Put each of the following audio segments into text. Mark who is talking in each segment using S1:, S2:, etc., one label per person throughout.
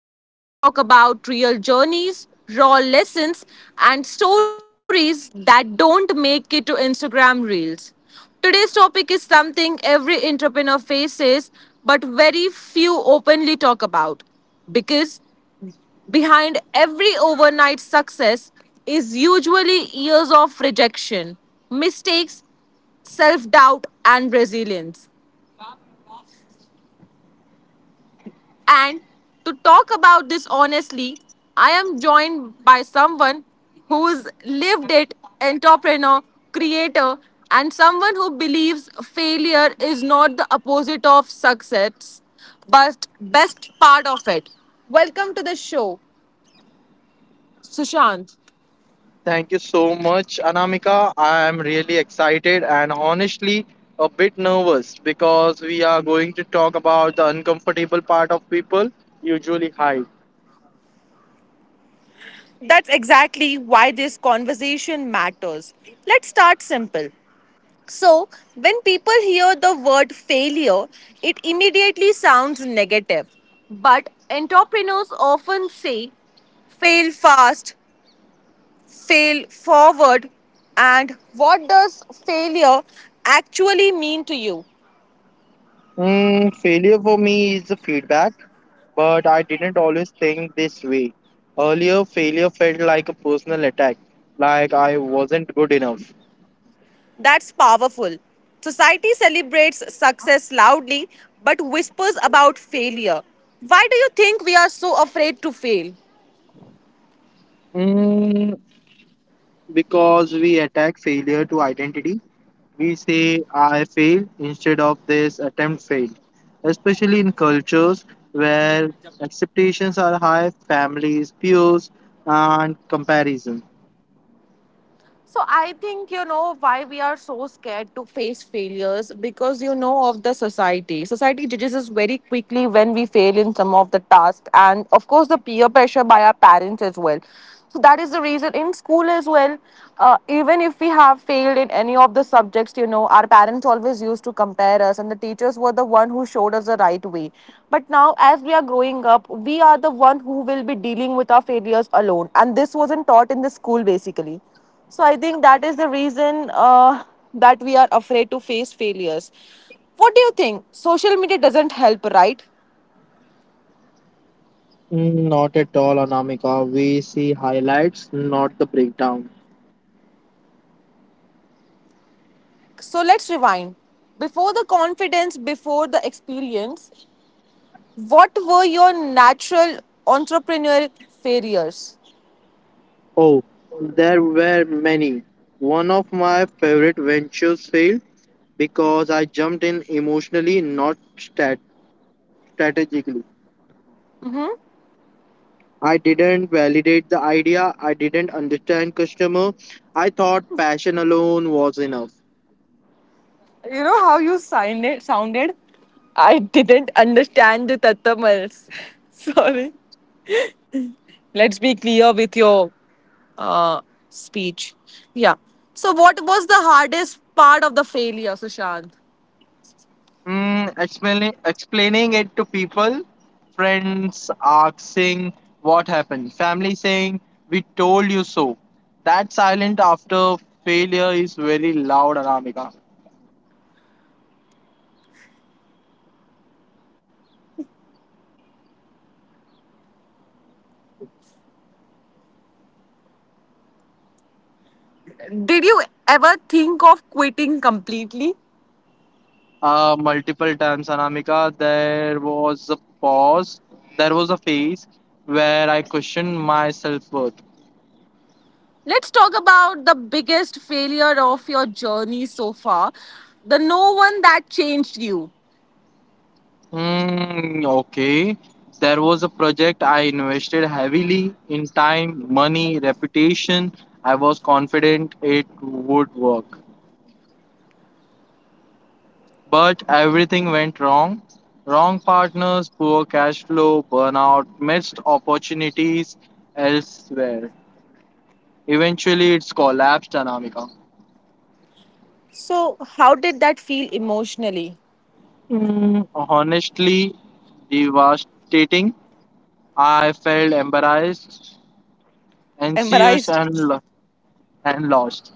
S1: where we talk about real journeys, raw lessons, and stories that don't make it to Instagram Reels. Today's topic is something every entrepreneur faces, but very few openly talk about because behind every overnight success is usually years of rejection, mistakes, self doubt, and resilience. And to talk about this honestly, I am joined by someone who's lived it, entrepreneur, creator, and someone who believes failure is not the opposite of success, but best part of it. Welcome to the show, Sushant.
S2: Thank you so much, Anamika. I am really excited and honestly a bit nervous because we are going to talk about the uncomfortable part of people usually hide.
S1: That's exactly why this conversation matters. Let's start simple. So, when people hear the word failure, it immediately sounds negative. But entrepreneurs often say fail fast, fail forward, and what does failure actually mean to you?
S2: Failure for me is the feedback, but I didn't always think this way. Earlier, failure felt like a personal attack, like I wasn't good enough.
S1: That's powerful. Society celebrates success loudly but whispers about failure. Why do you think we are so afraid to fail?
S2: Mm, because we attack failure to identity. We say I failed instead of this attempt failed, especially in cultures where expectations are high, families, peers, and comparison.
S1: So I think you know why we are so scared to face failures because you know of the society. Society judges us very quickly when we fail in some of the tasks, and of course the peer pressure by our parents as well. So that is the reason in school as well. Even if we have failed in any of the subjects, you know, our parents always used to compare us, and the teachers were the one who showed us the right way. But now, as we are growing up, we are the one who will be dealing with our failures alone, and this wasn't taught in the school basically. So I think that is the reason that we are afraid to face failures. What do you think? Social media doesn't help, right?
S2: Mm, not at all, Anamika. We see highlights, not the breakdown.
S1: So let's rewind. Before the confidence, before the experience, what were your natural entrepreneurial failures?
S2: Oh, there were many. One of my favorite ventures failed because I jumped in emotionally, not stat- strategically. I didn't validate the idea. I didn't understand customer. I thought passion alone was enough.
S1: You know how you sounded? I didn't understand the tatamals. Sorry. Let's be clear with your uh, speech. Yeah. So, what was the hardest part of the failure, Sushant?
S2: Explaining it to people, friends asking what happened, family saying we told you so. That silent after failure is very loud, Anamika.
S1: Did you ever think of quitting completely?
S2: Multiple times, Anamika, there was a pause, there was a phase where I questioned my self worth.
S1: Let's talk about the biggest failure of your journey so far, the no one that changed you.
S2: Hmm, okay. There was a project I invested heavily in time, money, reputation. I was confident it would work. But everything went wrong. Wrong partners, poor cash flow, burnout, missed opportunities elsewhere. Eventually, it's collapsed, Anamika.
S1: So, how did that feel emotionally?
S2: Hmm, honestly, devastating. I felt embarrassed, anxious,
S1: Embarrassed?
S2: and lost.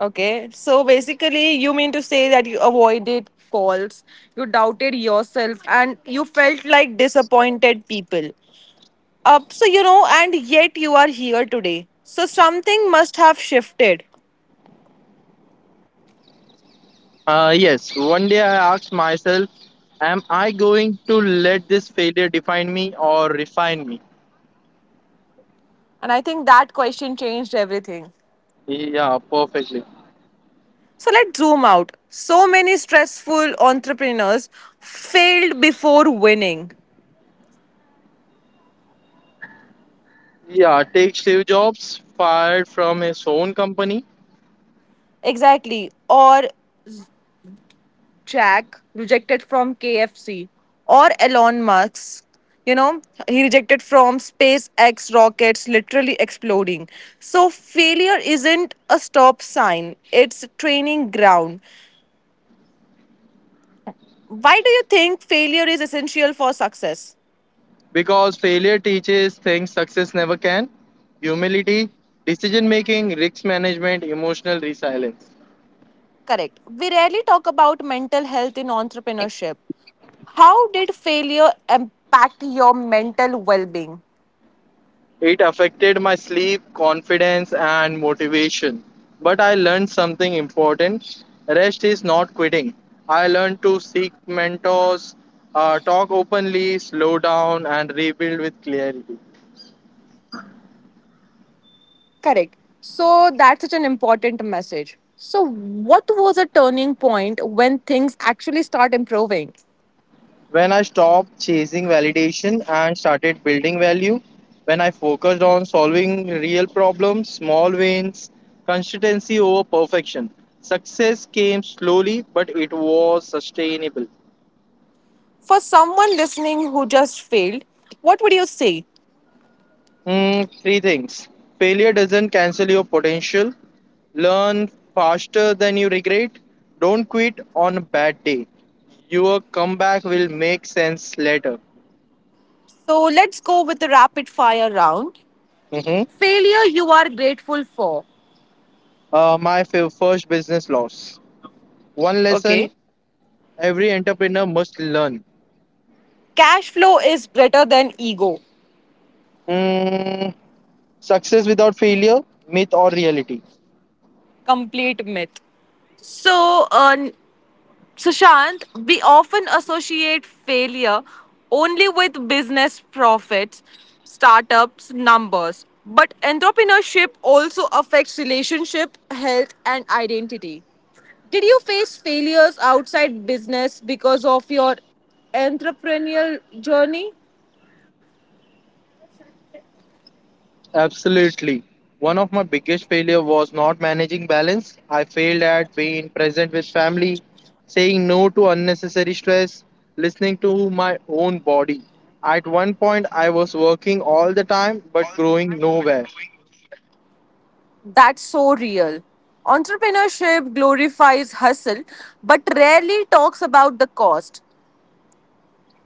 S1: Okay, so basically, you mean to say that you avoided calls, you doubted yourself, and you felt like disappointed people. So, you know, and yet you are here today. So, something must have shifted.
S2: Yes, one day I asked myself, am I going to let this failure define me or refine me?
S1: And I think that question changed everything.
S2: Yeah, perfectly.
S1: So, let's zoom out. So many stressful entrepreneurs failed before winning.
S2: Yeah, take Steve Jobs, fired from his own company
S1: Exactly. Or Jack rejected from KFC. Or Elon Musk. You know, he rejected from SpaceX rockets literally exploding. So, failure isn't a stop sign, it's training ground. Why do you think failure is essential for success?
S2: because failure teaches things success never can: humility, decision making, risk management, emotional resilience.
S1: Correct. We rarely talk about mental health in entrepreneurship. How did failure impact your mental well being?
S2: It affected my sleep, confidence, and motivation. But I learned something important. Rest is not quitting. I learned to seek mentors, talk openly, slow down, and rebuild with clarity.
S1: Correct. So that's such an important message. So, what was a turning point when things actually start improving?
S2: When I stopped chasing validation and started building value, when I focused on solving real problems, small wins, consistency over perfection, success came slowly, but it was sustainable.
S1: For someone listening who just failed, what would you say?
S2: Three things. Failure doesn't cancel your potential. Learn faster than you regret. Don't quit on a bad day. Your comeback will make sense later.
S1: So, let's go with the rapid fire round.
S2: Mhm.
S1: Failure you are grateful for.
S2: My first business loss. One
S1: Okay.
S2: lesson every entrepreneur must learn.
S1: Cash flow is better than ego.
S2: Mm, Success without failure, myth or reality.
S1: Complete myth. So, Sushant, we often associate failure only with business profits, startups, numbers. But entrepreneurship also affects relationship, health, and identity. Did you face failures outside business because of your entrepreneurial journey?
S2: Absolutely. One of my biggest failure was not managing balance. I failed at being present with family, saying no to unnecessary stress, listening to my own body. At one point I was working all the time but growing nowhere.
S1: That's so real. Entrepreneurship glorifies hustle but rarely talks about the cost.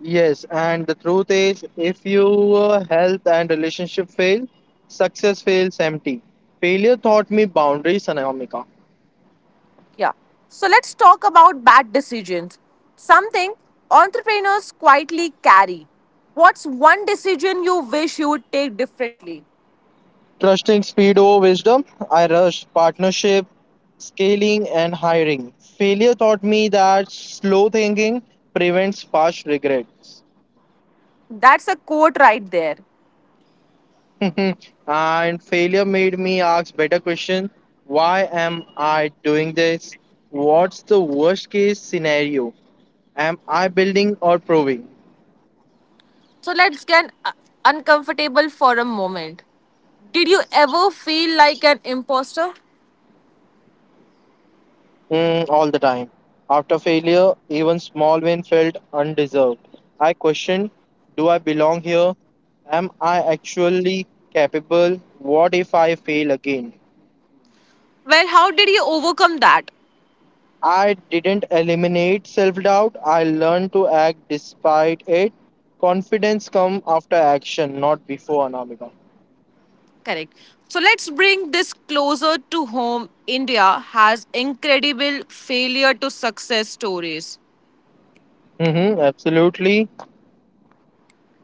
S2: Yes, and the truth is if your health and relationship fail, success feels empty. Failure taught me boundaries, Anamika.
S1: Yeah. So let's talk about bad decisions. Something entrepreneurs quietly carry. What's one decision you wish you would take differently?
S2: Trusting speed over wisdom, I rushed partnership, scaling, and hiring. Failure taught me that slow thinking prevents past regrets.
S1: That's a quote right there.
S2: And failure made me ask better question: why am I doing this, what's the worst case scenario, am I building or proving?
S1: So let's get uncomfortable for a moment. Did you ever feel like an imposter?
S2: All the time. After failure, even small win felt undeserved. I questioned, do I belong here? Am I actually capable? What if I fail again?
S1: Well, how did you overcome that?
S2: I didn't eliminate self-doubt. I learned to act despite it. Confidence comes after action, not before, Anamika.
S1: Correct. So let's bring this closer to home. India has incredible failure to success stories.
S2: Mm-hmm, absolutely.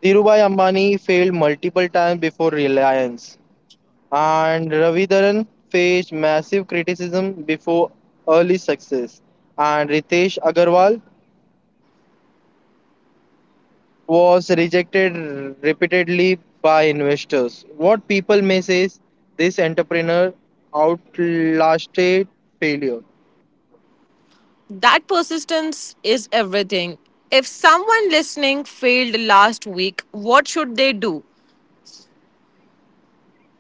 S2: Dhirubhai Ambani failed multiple times before Reliance, and Ravidharan faced massive criticism before early success, and Ritesh Agarwal was rejected repeatedly by investors. What people may say is this entrepreneur outlasted failure.
S1: That persistence is everything. If someone listening failed last week, what should they do?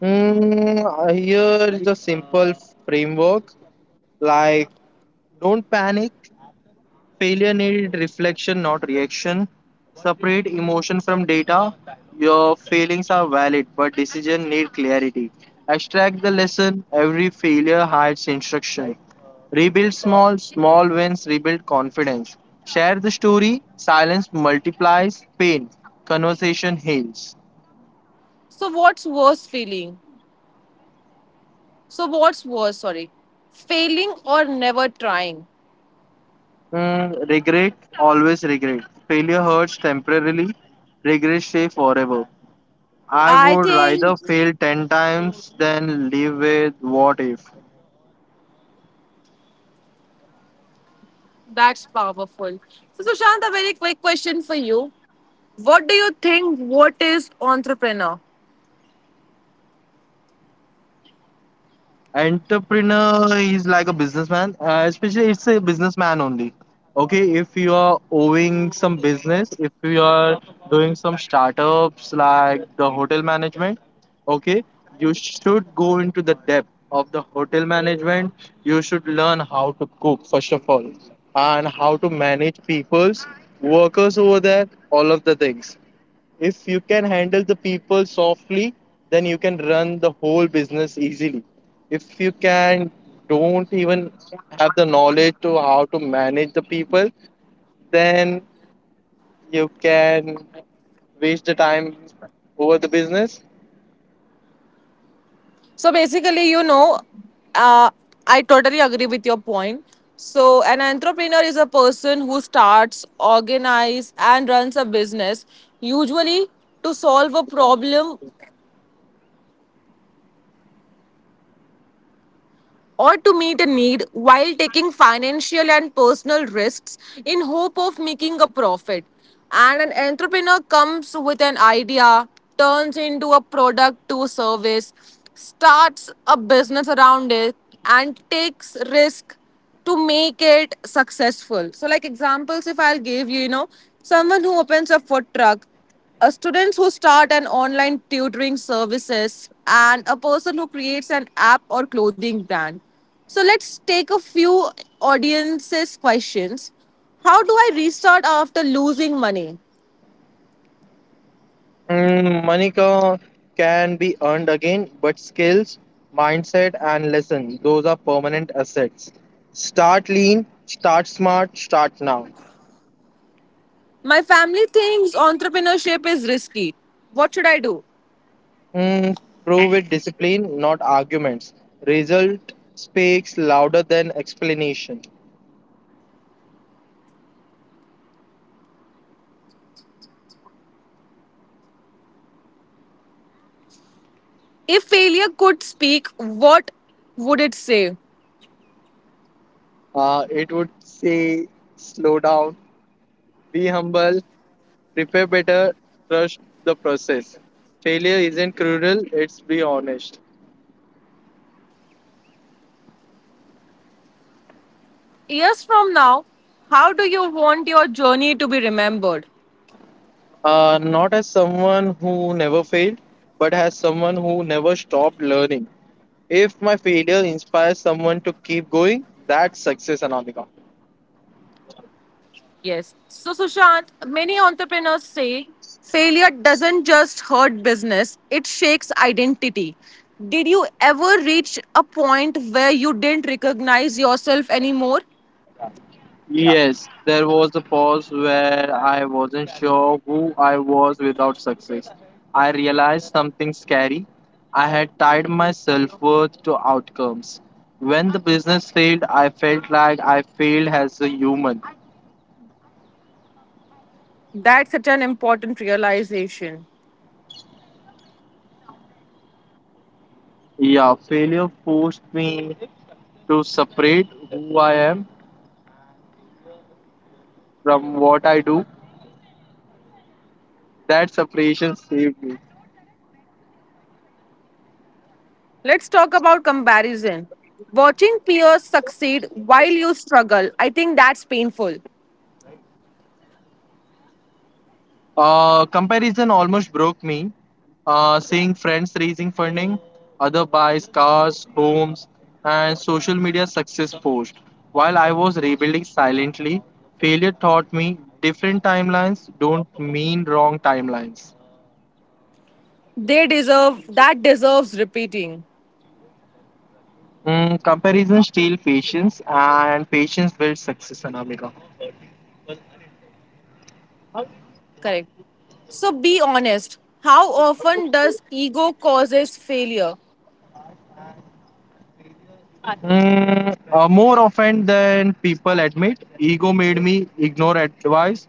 S2: Here's a simple framework, like, don't panic. Failure need reflection, not reaction. Separate emotion from data. Your feelings are valid, but decision need clarity. Extract the lesson. Every failure hides instruction. Rebuild small, small wins rebuild confidence. Share the story. Silence multiplies pain. Conversation heals.
S1: So what's worse feeling? So what's worse, sorry. Failing or never trying?
S2: Regret, always regret. Failure hurts temporarily. Regret stay forever. I
S1: I
S2: would rather
S1: think
S2: fail 10 times than live with what if.
S1: that's powerful. So Sushant, a very quick question for you. What do you think what is entrepreneur?
S2: Entrepreneur is like a businessman, especially it's a businessman only. Okay, if you are owing some business, if you are doing some startups like the hotel management, okay, you should go into the depth of the hotel management. You should learn how to cook, first of all, and how to manage people's workers over there, all of the things. If you can handle the people softly, then you can run the whole business easily. If you can don't even have the knowledge to how to manage the people, then you can waste the time over the business.
S1: So basically, you know, uh, I totally agree with your point. So an entrepreneur is a person who starts, organize, and runs a business, usually to solve a problem or to meet a need while taking financial and personal risks in hope of making a profit. And an entrepreneur comes with an idea, turns into a product to service, starts a business around it, and takes risk to make it successful. So, like examples, if I'll give you, you know, someone who opens a food truck, a students who start an online tutoring services, and a person who creates an app or clothing brand. So let's take a few audiences questions. How do I restart after losing money?
S2: Money can be earned again, but skills, mindset, and lesson, those are permanent assets. Start lean, start smart, start now.
S1: My family thinks entrepreneurship is risky. What should I do?
S2: Mm, Prove with discipline, not arguments. Result speaks louder than explanation.
S1: If failure could speak, what would it say?
S2: It would say, slow down, be humble, prepare better, trust the process. Failure isn't cruel, it's be honest.
S1: Years from now, how do you want your journey to be remembered?
S2: Not as someone who never failed, but as someone who never stopped learning. If my failure inspires someone to keep going, that's success, Anamika.
S1: Yes. So, Sushant, many entrepreneurs say failure doesn't just hurt business, it shakes identity. Did you ever reach a point where you didn't recognize yourself anymore?
S2: Yes, there was a pause where I wasn't sure who I was without success. I realized something scary. I had tied my self worth to outcomes. When the business failed, I felt like I failed as a human.
S1: That's such an important realization.
S2: Yeah, failure forced me to separate who I am from what I do. That separation saved me.
S1: Let's talk about comparison. Watching peers succeed while you struggle, I think that's painful.
S2: Comparison almost broke me. Seeing friends raising funding, other buys cars, homes, and social media success post. While I was rebuilding silently, failure taught me different timelines don't mean wrong timelines.
S1: They deserve that deserves repeating.
S2: Comparison steals patience, and patience builds success, Anamika.
S1: Correct. So be honest. How often does ego causes failure?
S2: More often than people admit, ego made me ignore advice,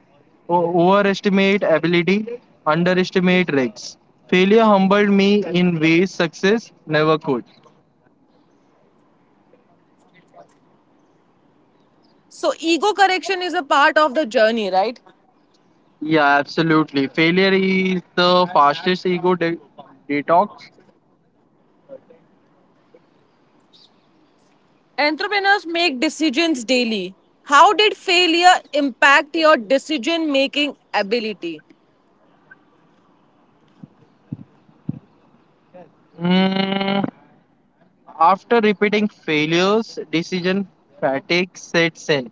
S2: overestimate ability, underestimate risks. Failure humbled me in ways success never could.
S1: So ego correction is a part of the journey, right?
S2: Yeah, absolutely. Failure is the fastest detox.
S1: Entrepreneurs make decisions daily. How did failure impact your decision making ability?
S2: Mm, After repeating failures, decision fatigue sets in.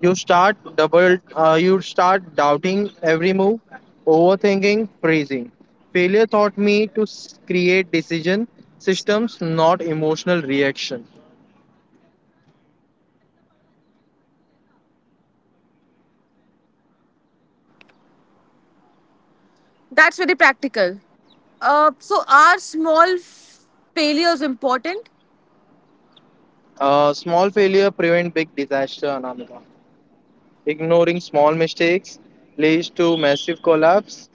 S2: You start doubting every move, overthinking, freezing. Failure taught me to create decision systems, not emotional reaction.
S1: That's very practical. So are small failures important?
S2: Small failure prevent big disaster, Anamika. Ignoring small mistakes leads to massive collapse.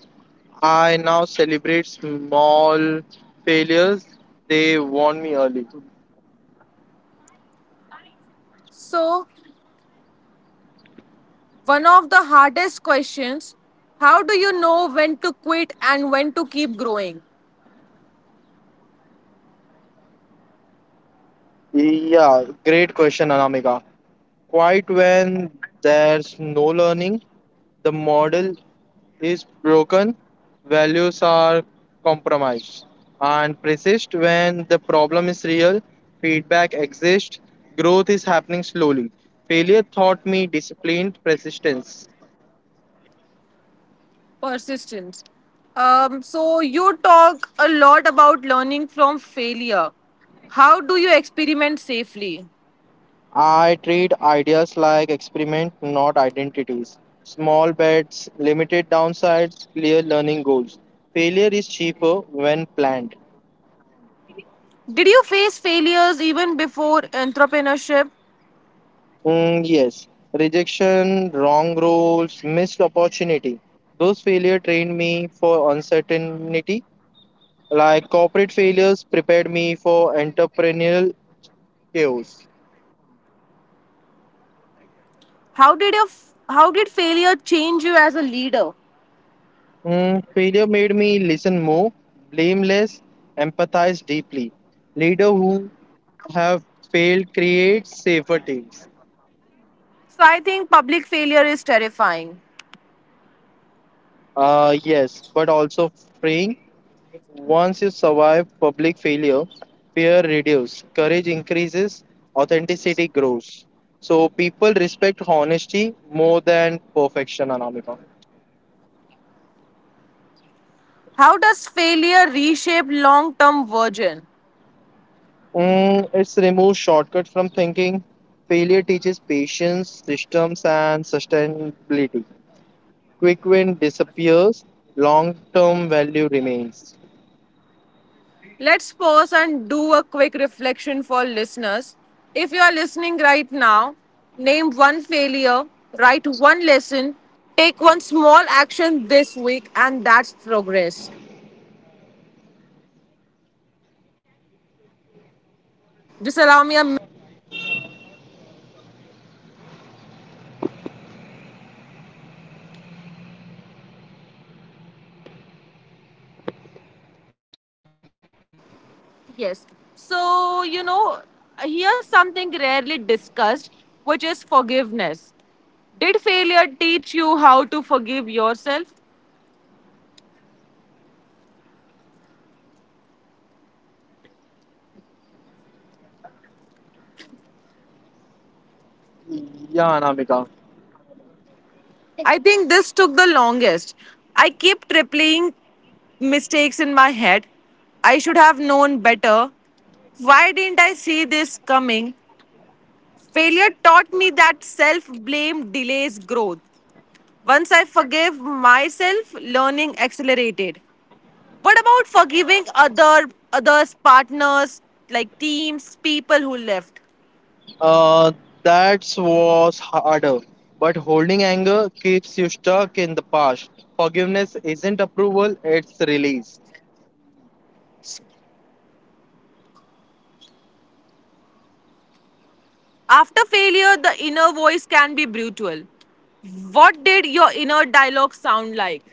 S2: I now celebrate small failures. They warn me early.
S1: So one of the hardest questions, how do you know when to quit and when to keep growing?
S2: Yeah, great question, Anamika. Quite when there's no learning, the model is broken, values are compromised, and persist when the problem is real, feedback exists, growth is happening slowly. Failure taught me disciplined persistence.
S1: Persistence. So you talk a lot about learning from failure. How do you experiment safely?
S2: I treat ideas like experiment, not identities. Small bets, limited downsides, clear learning goals. Failure is cheaper when planned.
S1: Did you face failures even before entrepreneurship?
S2: Yes, rejection, wrong roles, missed opportunity. Those failure trained me for uncertainty. Like corporate failures prepared me for entrepreneurial chaos.
S1: How did failure change you as a leader?
S2: Failure made me listen more, blame less, empathize deeply. Leader who have failed create safer teams.
S1: So I think public failure is terrifying.
S2: Yes, but also freeing. Once you survive public failure, fear reduces, courage increases, authenticity grows. So people respect honesty more than perfection, Anamika.
S1: How does failure reshape long-term vision?
S2: It's removes shortcut from thinking. Failure teaches patience, systems, and sustainability. Quick win disappears, long term value remains.
S1: Let's pause and do a quick reflection for listeners. If you are listening right now, name one failure, write one lesson, take one small action this week, and that's progress. Just allow me a minute, Sushant. Yes. So, you know, here's something rarely discussed, which is forgiveness. Did failure teach you how to forgive yourself?
S2: Yeah, Anamika.
S1: I think this took the longest. I kept replaying mistakes in my head. I should have known better. Why didn't I see this coming? Failure taught me that self blame delays growth. Once I forgave myself, learning accelerated. What about forgiving other others, partners, like teams, people who left?
S2: Uh, that was harder. But holding anger keeps you stuck in the past. Forgiveness isn't approval, it's release.
S1: After failure, the inner voice can be brutal. What did your inner dialogue sound like?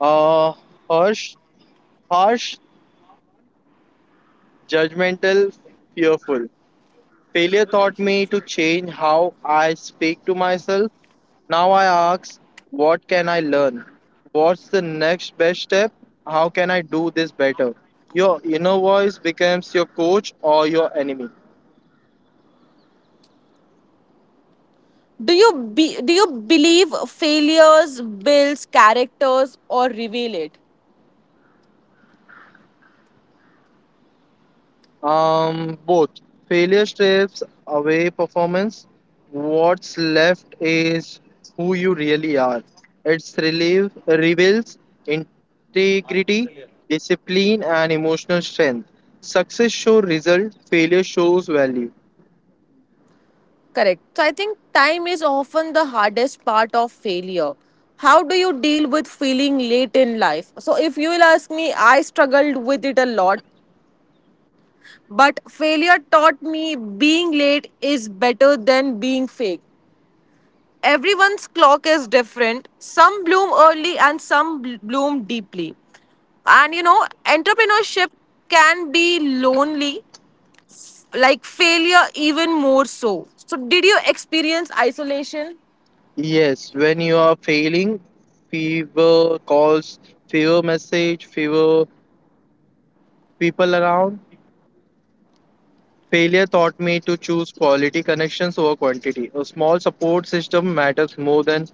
S2: Uh, harsh, Harsh, judgmental, fearful. Failure taught me to change how I speak to myself. Now I ask, what can I learn? What's the next best step? How can I do this better? Your inner voice becomes your coach or your enemy.
S1: Do you believe failures builds characters or reveal it?
S2: Both. Failure strips away performance. What's left is who you really are. It's relief reveals integrity, discipline, and emotional strength. Success shows result. Failure shows value.
S1: Correct. So I think time is often the hardest part of failure. How do you deal with feeling late in life? So if you will ask me, I struggled with it a lot, but failure taught me being late is better than being fake. Everyone's clock is different. Some bloom early and some bloom deeply. And you know, entrepreneurship can be lonely, like failure, even more so. So, did you experience isolation?
S2: Yes, when you are failing, fever calls, fever message, fever people around. Failure taught me to choose quality connections over quantity. A small support system matters more than.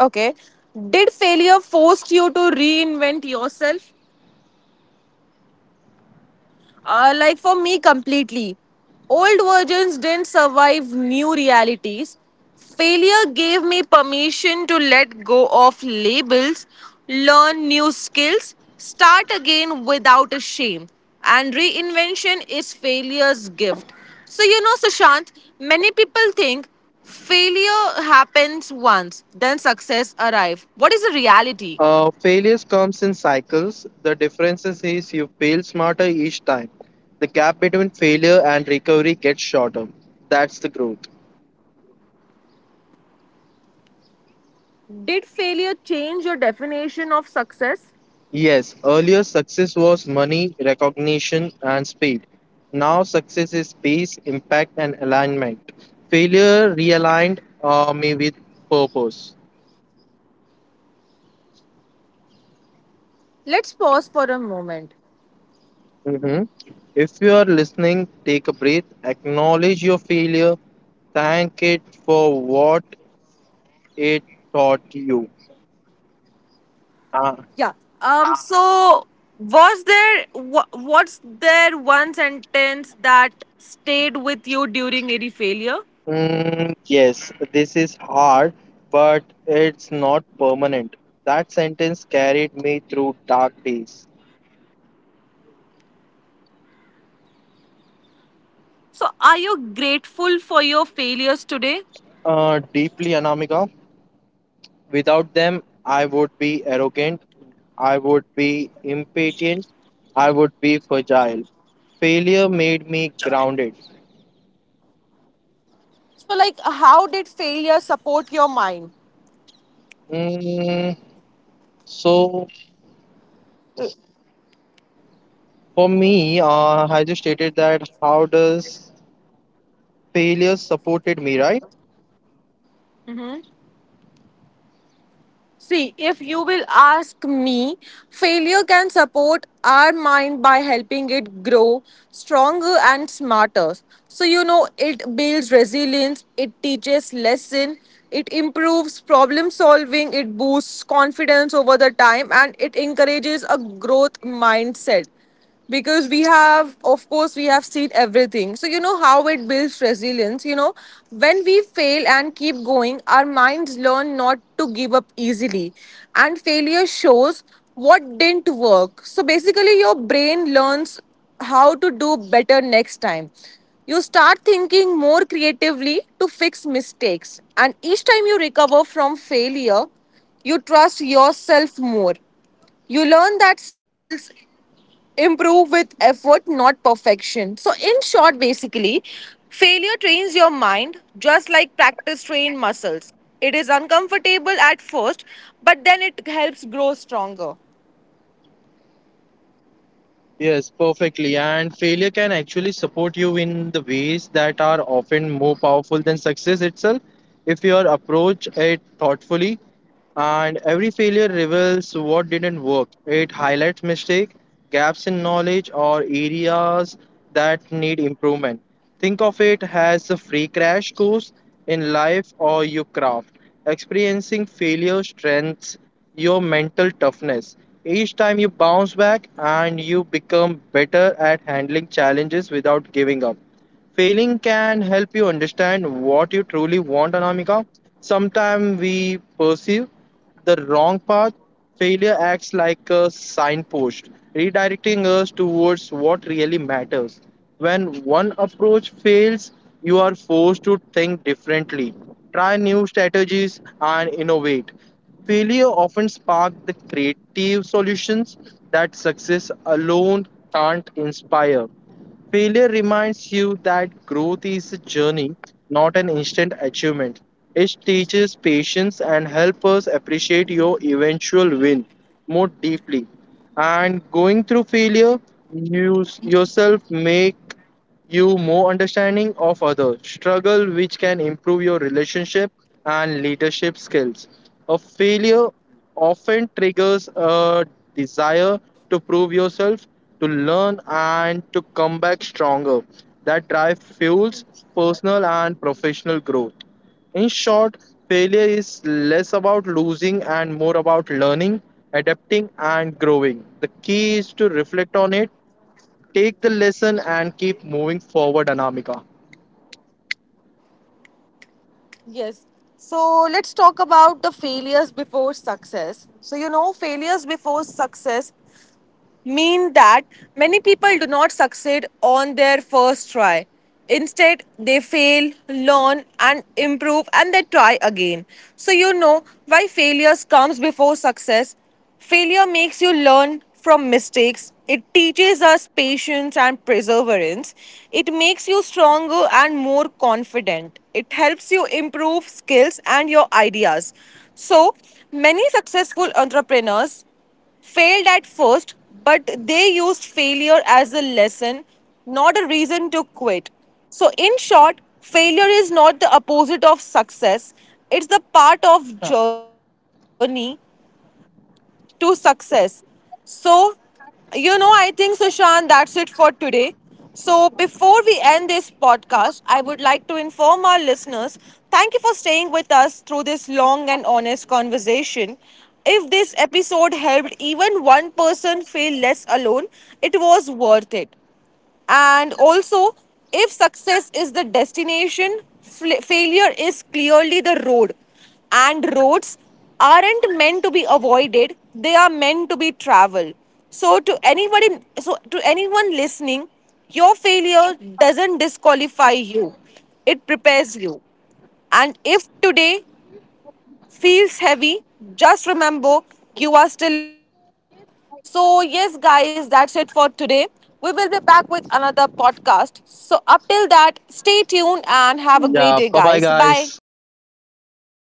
S1: Okay. Did failure force you to reinvent yourself? Like for me, completely. Old versions didn't survive new realities. Failure gave me permission to let go of labels, learn new skills, start again without a shame. And reinvention is failure's gift. So, you know, Sushant, many people think failure happens once, then success arrives. What is the reality?
S2: Failures comes in cycles. The difference is you fail smarter each time. The gap between failure and recovery gets shorter. That's the growth.
S1: Did failure change your definition of success?
S2: Yes, earlier success was money, recognition, and speed. Now success is peace, impact, and alignment. Failure realigned me with purpose.
S1: Let's pause for a moment.
S2: Mhm. If you are listening, take a breath, acknowledge your failure, thank it for what it taught you. uh,
S1: Yeah. So, was there what's there one sentence that stayed with you during any failure?
S2: Yes, this is hard, but it's not permanent. That sentence carried me through dark days.
S1: So, are you grateful for your failures today?
S2: Deeply, Anamika. Without them, I would be arrogant, I would be impatient, I would be fragile. Failure made me grounded.
S1: So, like, how did failure support your mind?
S2: Mm, so, for me, I just stated that how does failure supported me, right?
S1: See, if you will ask me, failure can support our mind by helping it grow stronger and smarter. So, you know, it builds resilience, it teaches lesson, it improves problem solving, it boosts confidence over the time, and it encourages a growth mindset because we have of course we have seen everything. So you know how it builds resilience. You know, when we fail and keep going our minds learn not to give up easily, and failure shows what didn't work. So basically your brain learns how to do better next time. You start thinking more creatively to fix mistakes, and each time you recover from failure you trust yourself more. You learn that skills improve with effort, not perfection. So, in short, basically, failure trains your mind just like practice trains muscles. It is uncomfortable at first, but then it helps grow stronger.
S2: Yes, perfectly. And failure can actually support you in the ways that are often more powerful than success itself if you are approach it thoughtfully. And every failure reveals what didn't work. It highlights mistake, gaps in knowledge, or areas that need improvement. Think of it as a free crash course in life or your craft. Experiencing failure strengthens your mental toughness. Each time you bounce back and you become better at handling challenges without giving up. Failing can help you understand what you truly want, Anamika. Sometimes we pursue the wrong path, failure acts like a signpost, redirecting us towards what really matters. When one approach fails, you are forced to think differently, try new strategies, and innovate. Failure often sparks the creative solutions that success alone can't inspire. Failure reminds you that growth is a journey, not an instant achievement. It teaches patience and helps us appreciate your eventual win more deeply. And going through failure, yourself make you more understanding of others struggle, which can improve your relationship and leadership skills. A failure often triggers a desire to prove yourself, to learn, and to come back stronger. That drive fuels personal and professional growth. In short, failure is less about losing and more about learning, adapting, and growing. The key is to reflect on it, take the lesson, and keep moving forward, Anamika.
S1: Yes. So, let's talk about the failures before success. So, you know, failures before success mean that many people do not succeed on their first try. Instead, they fail, learn, and improve, and they try again. So, you know why failures comes before success. Failure makes you learn from mistakes. It teaches us patience and perseverance. It makes you stronger and more confident. It helps you improve skills and your ideas. So, many successful entrepreneurs failed at first, but they used failure as a lesson, not a reason to quit. So, in short, failure is not the opposite of success, it's the part of journey to success. So, you know, I think, Sushant, that's it for today. So, before we end this podcast, I would like to inform our listeners thank you for staying with us through this long and honest conversation. If this episode helped even one person feel less alone, it was worth it. And also, if success is the destination, failure is clearly the road. And roads aren't meant to be avoided, they are meant to be traveled. So to anybody so to anyone listening, your failure doesn't disqualify you. It prepares you. And if today feels heavy, just remember you are still in the story. So, yes, guys, that's it for today. We will be back with another podcast. So, up till that, stay tuned and have a
S2: Yeah,
S1: great day,
S2: bye bye,
S1: guys. Bye.
S2: guys.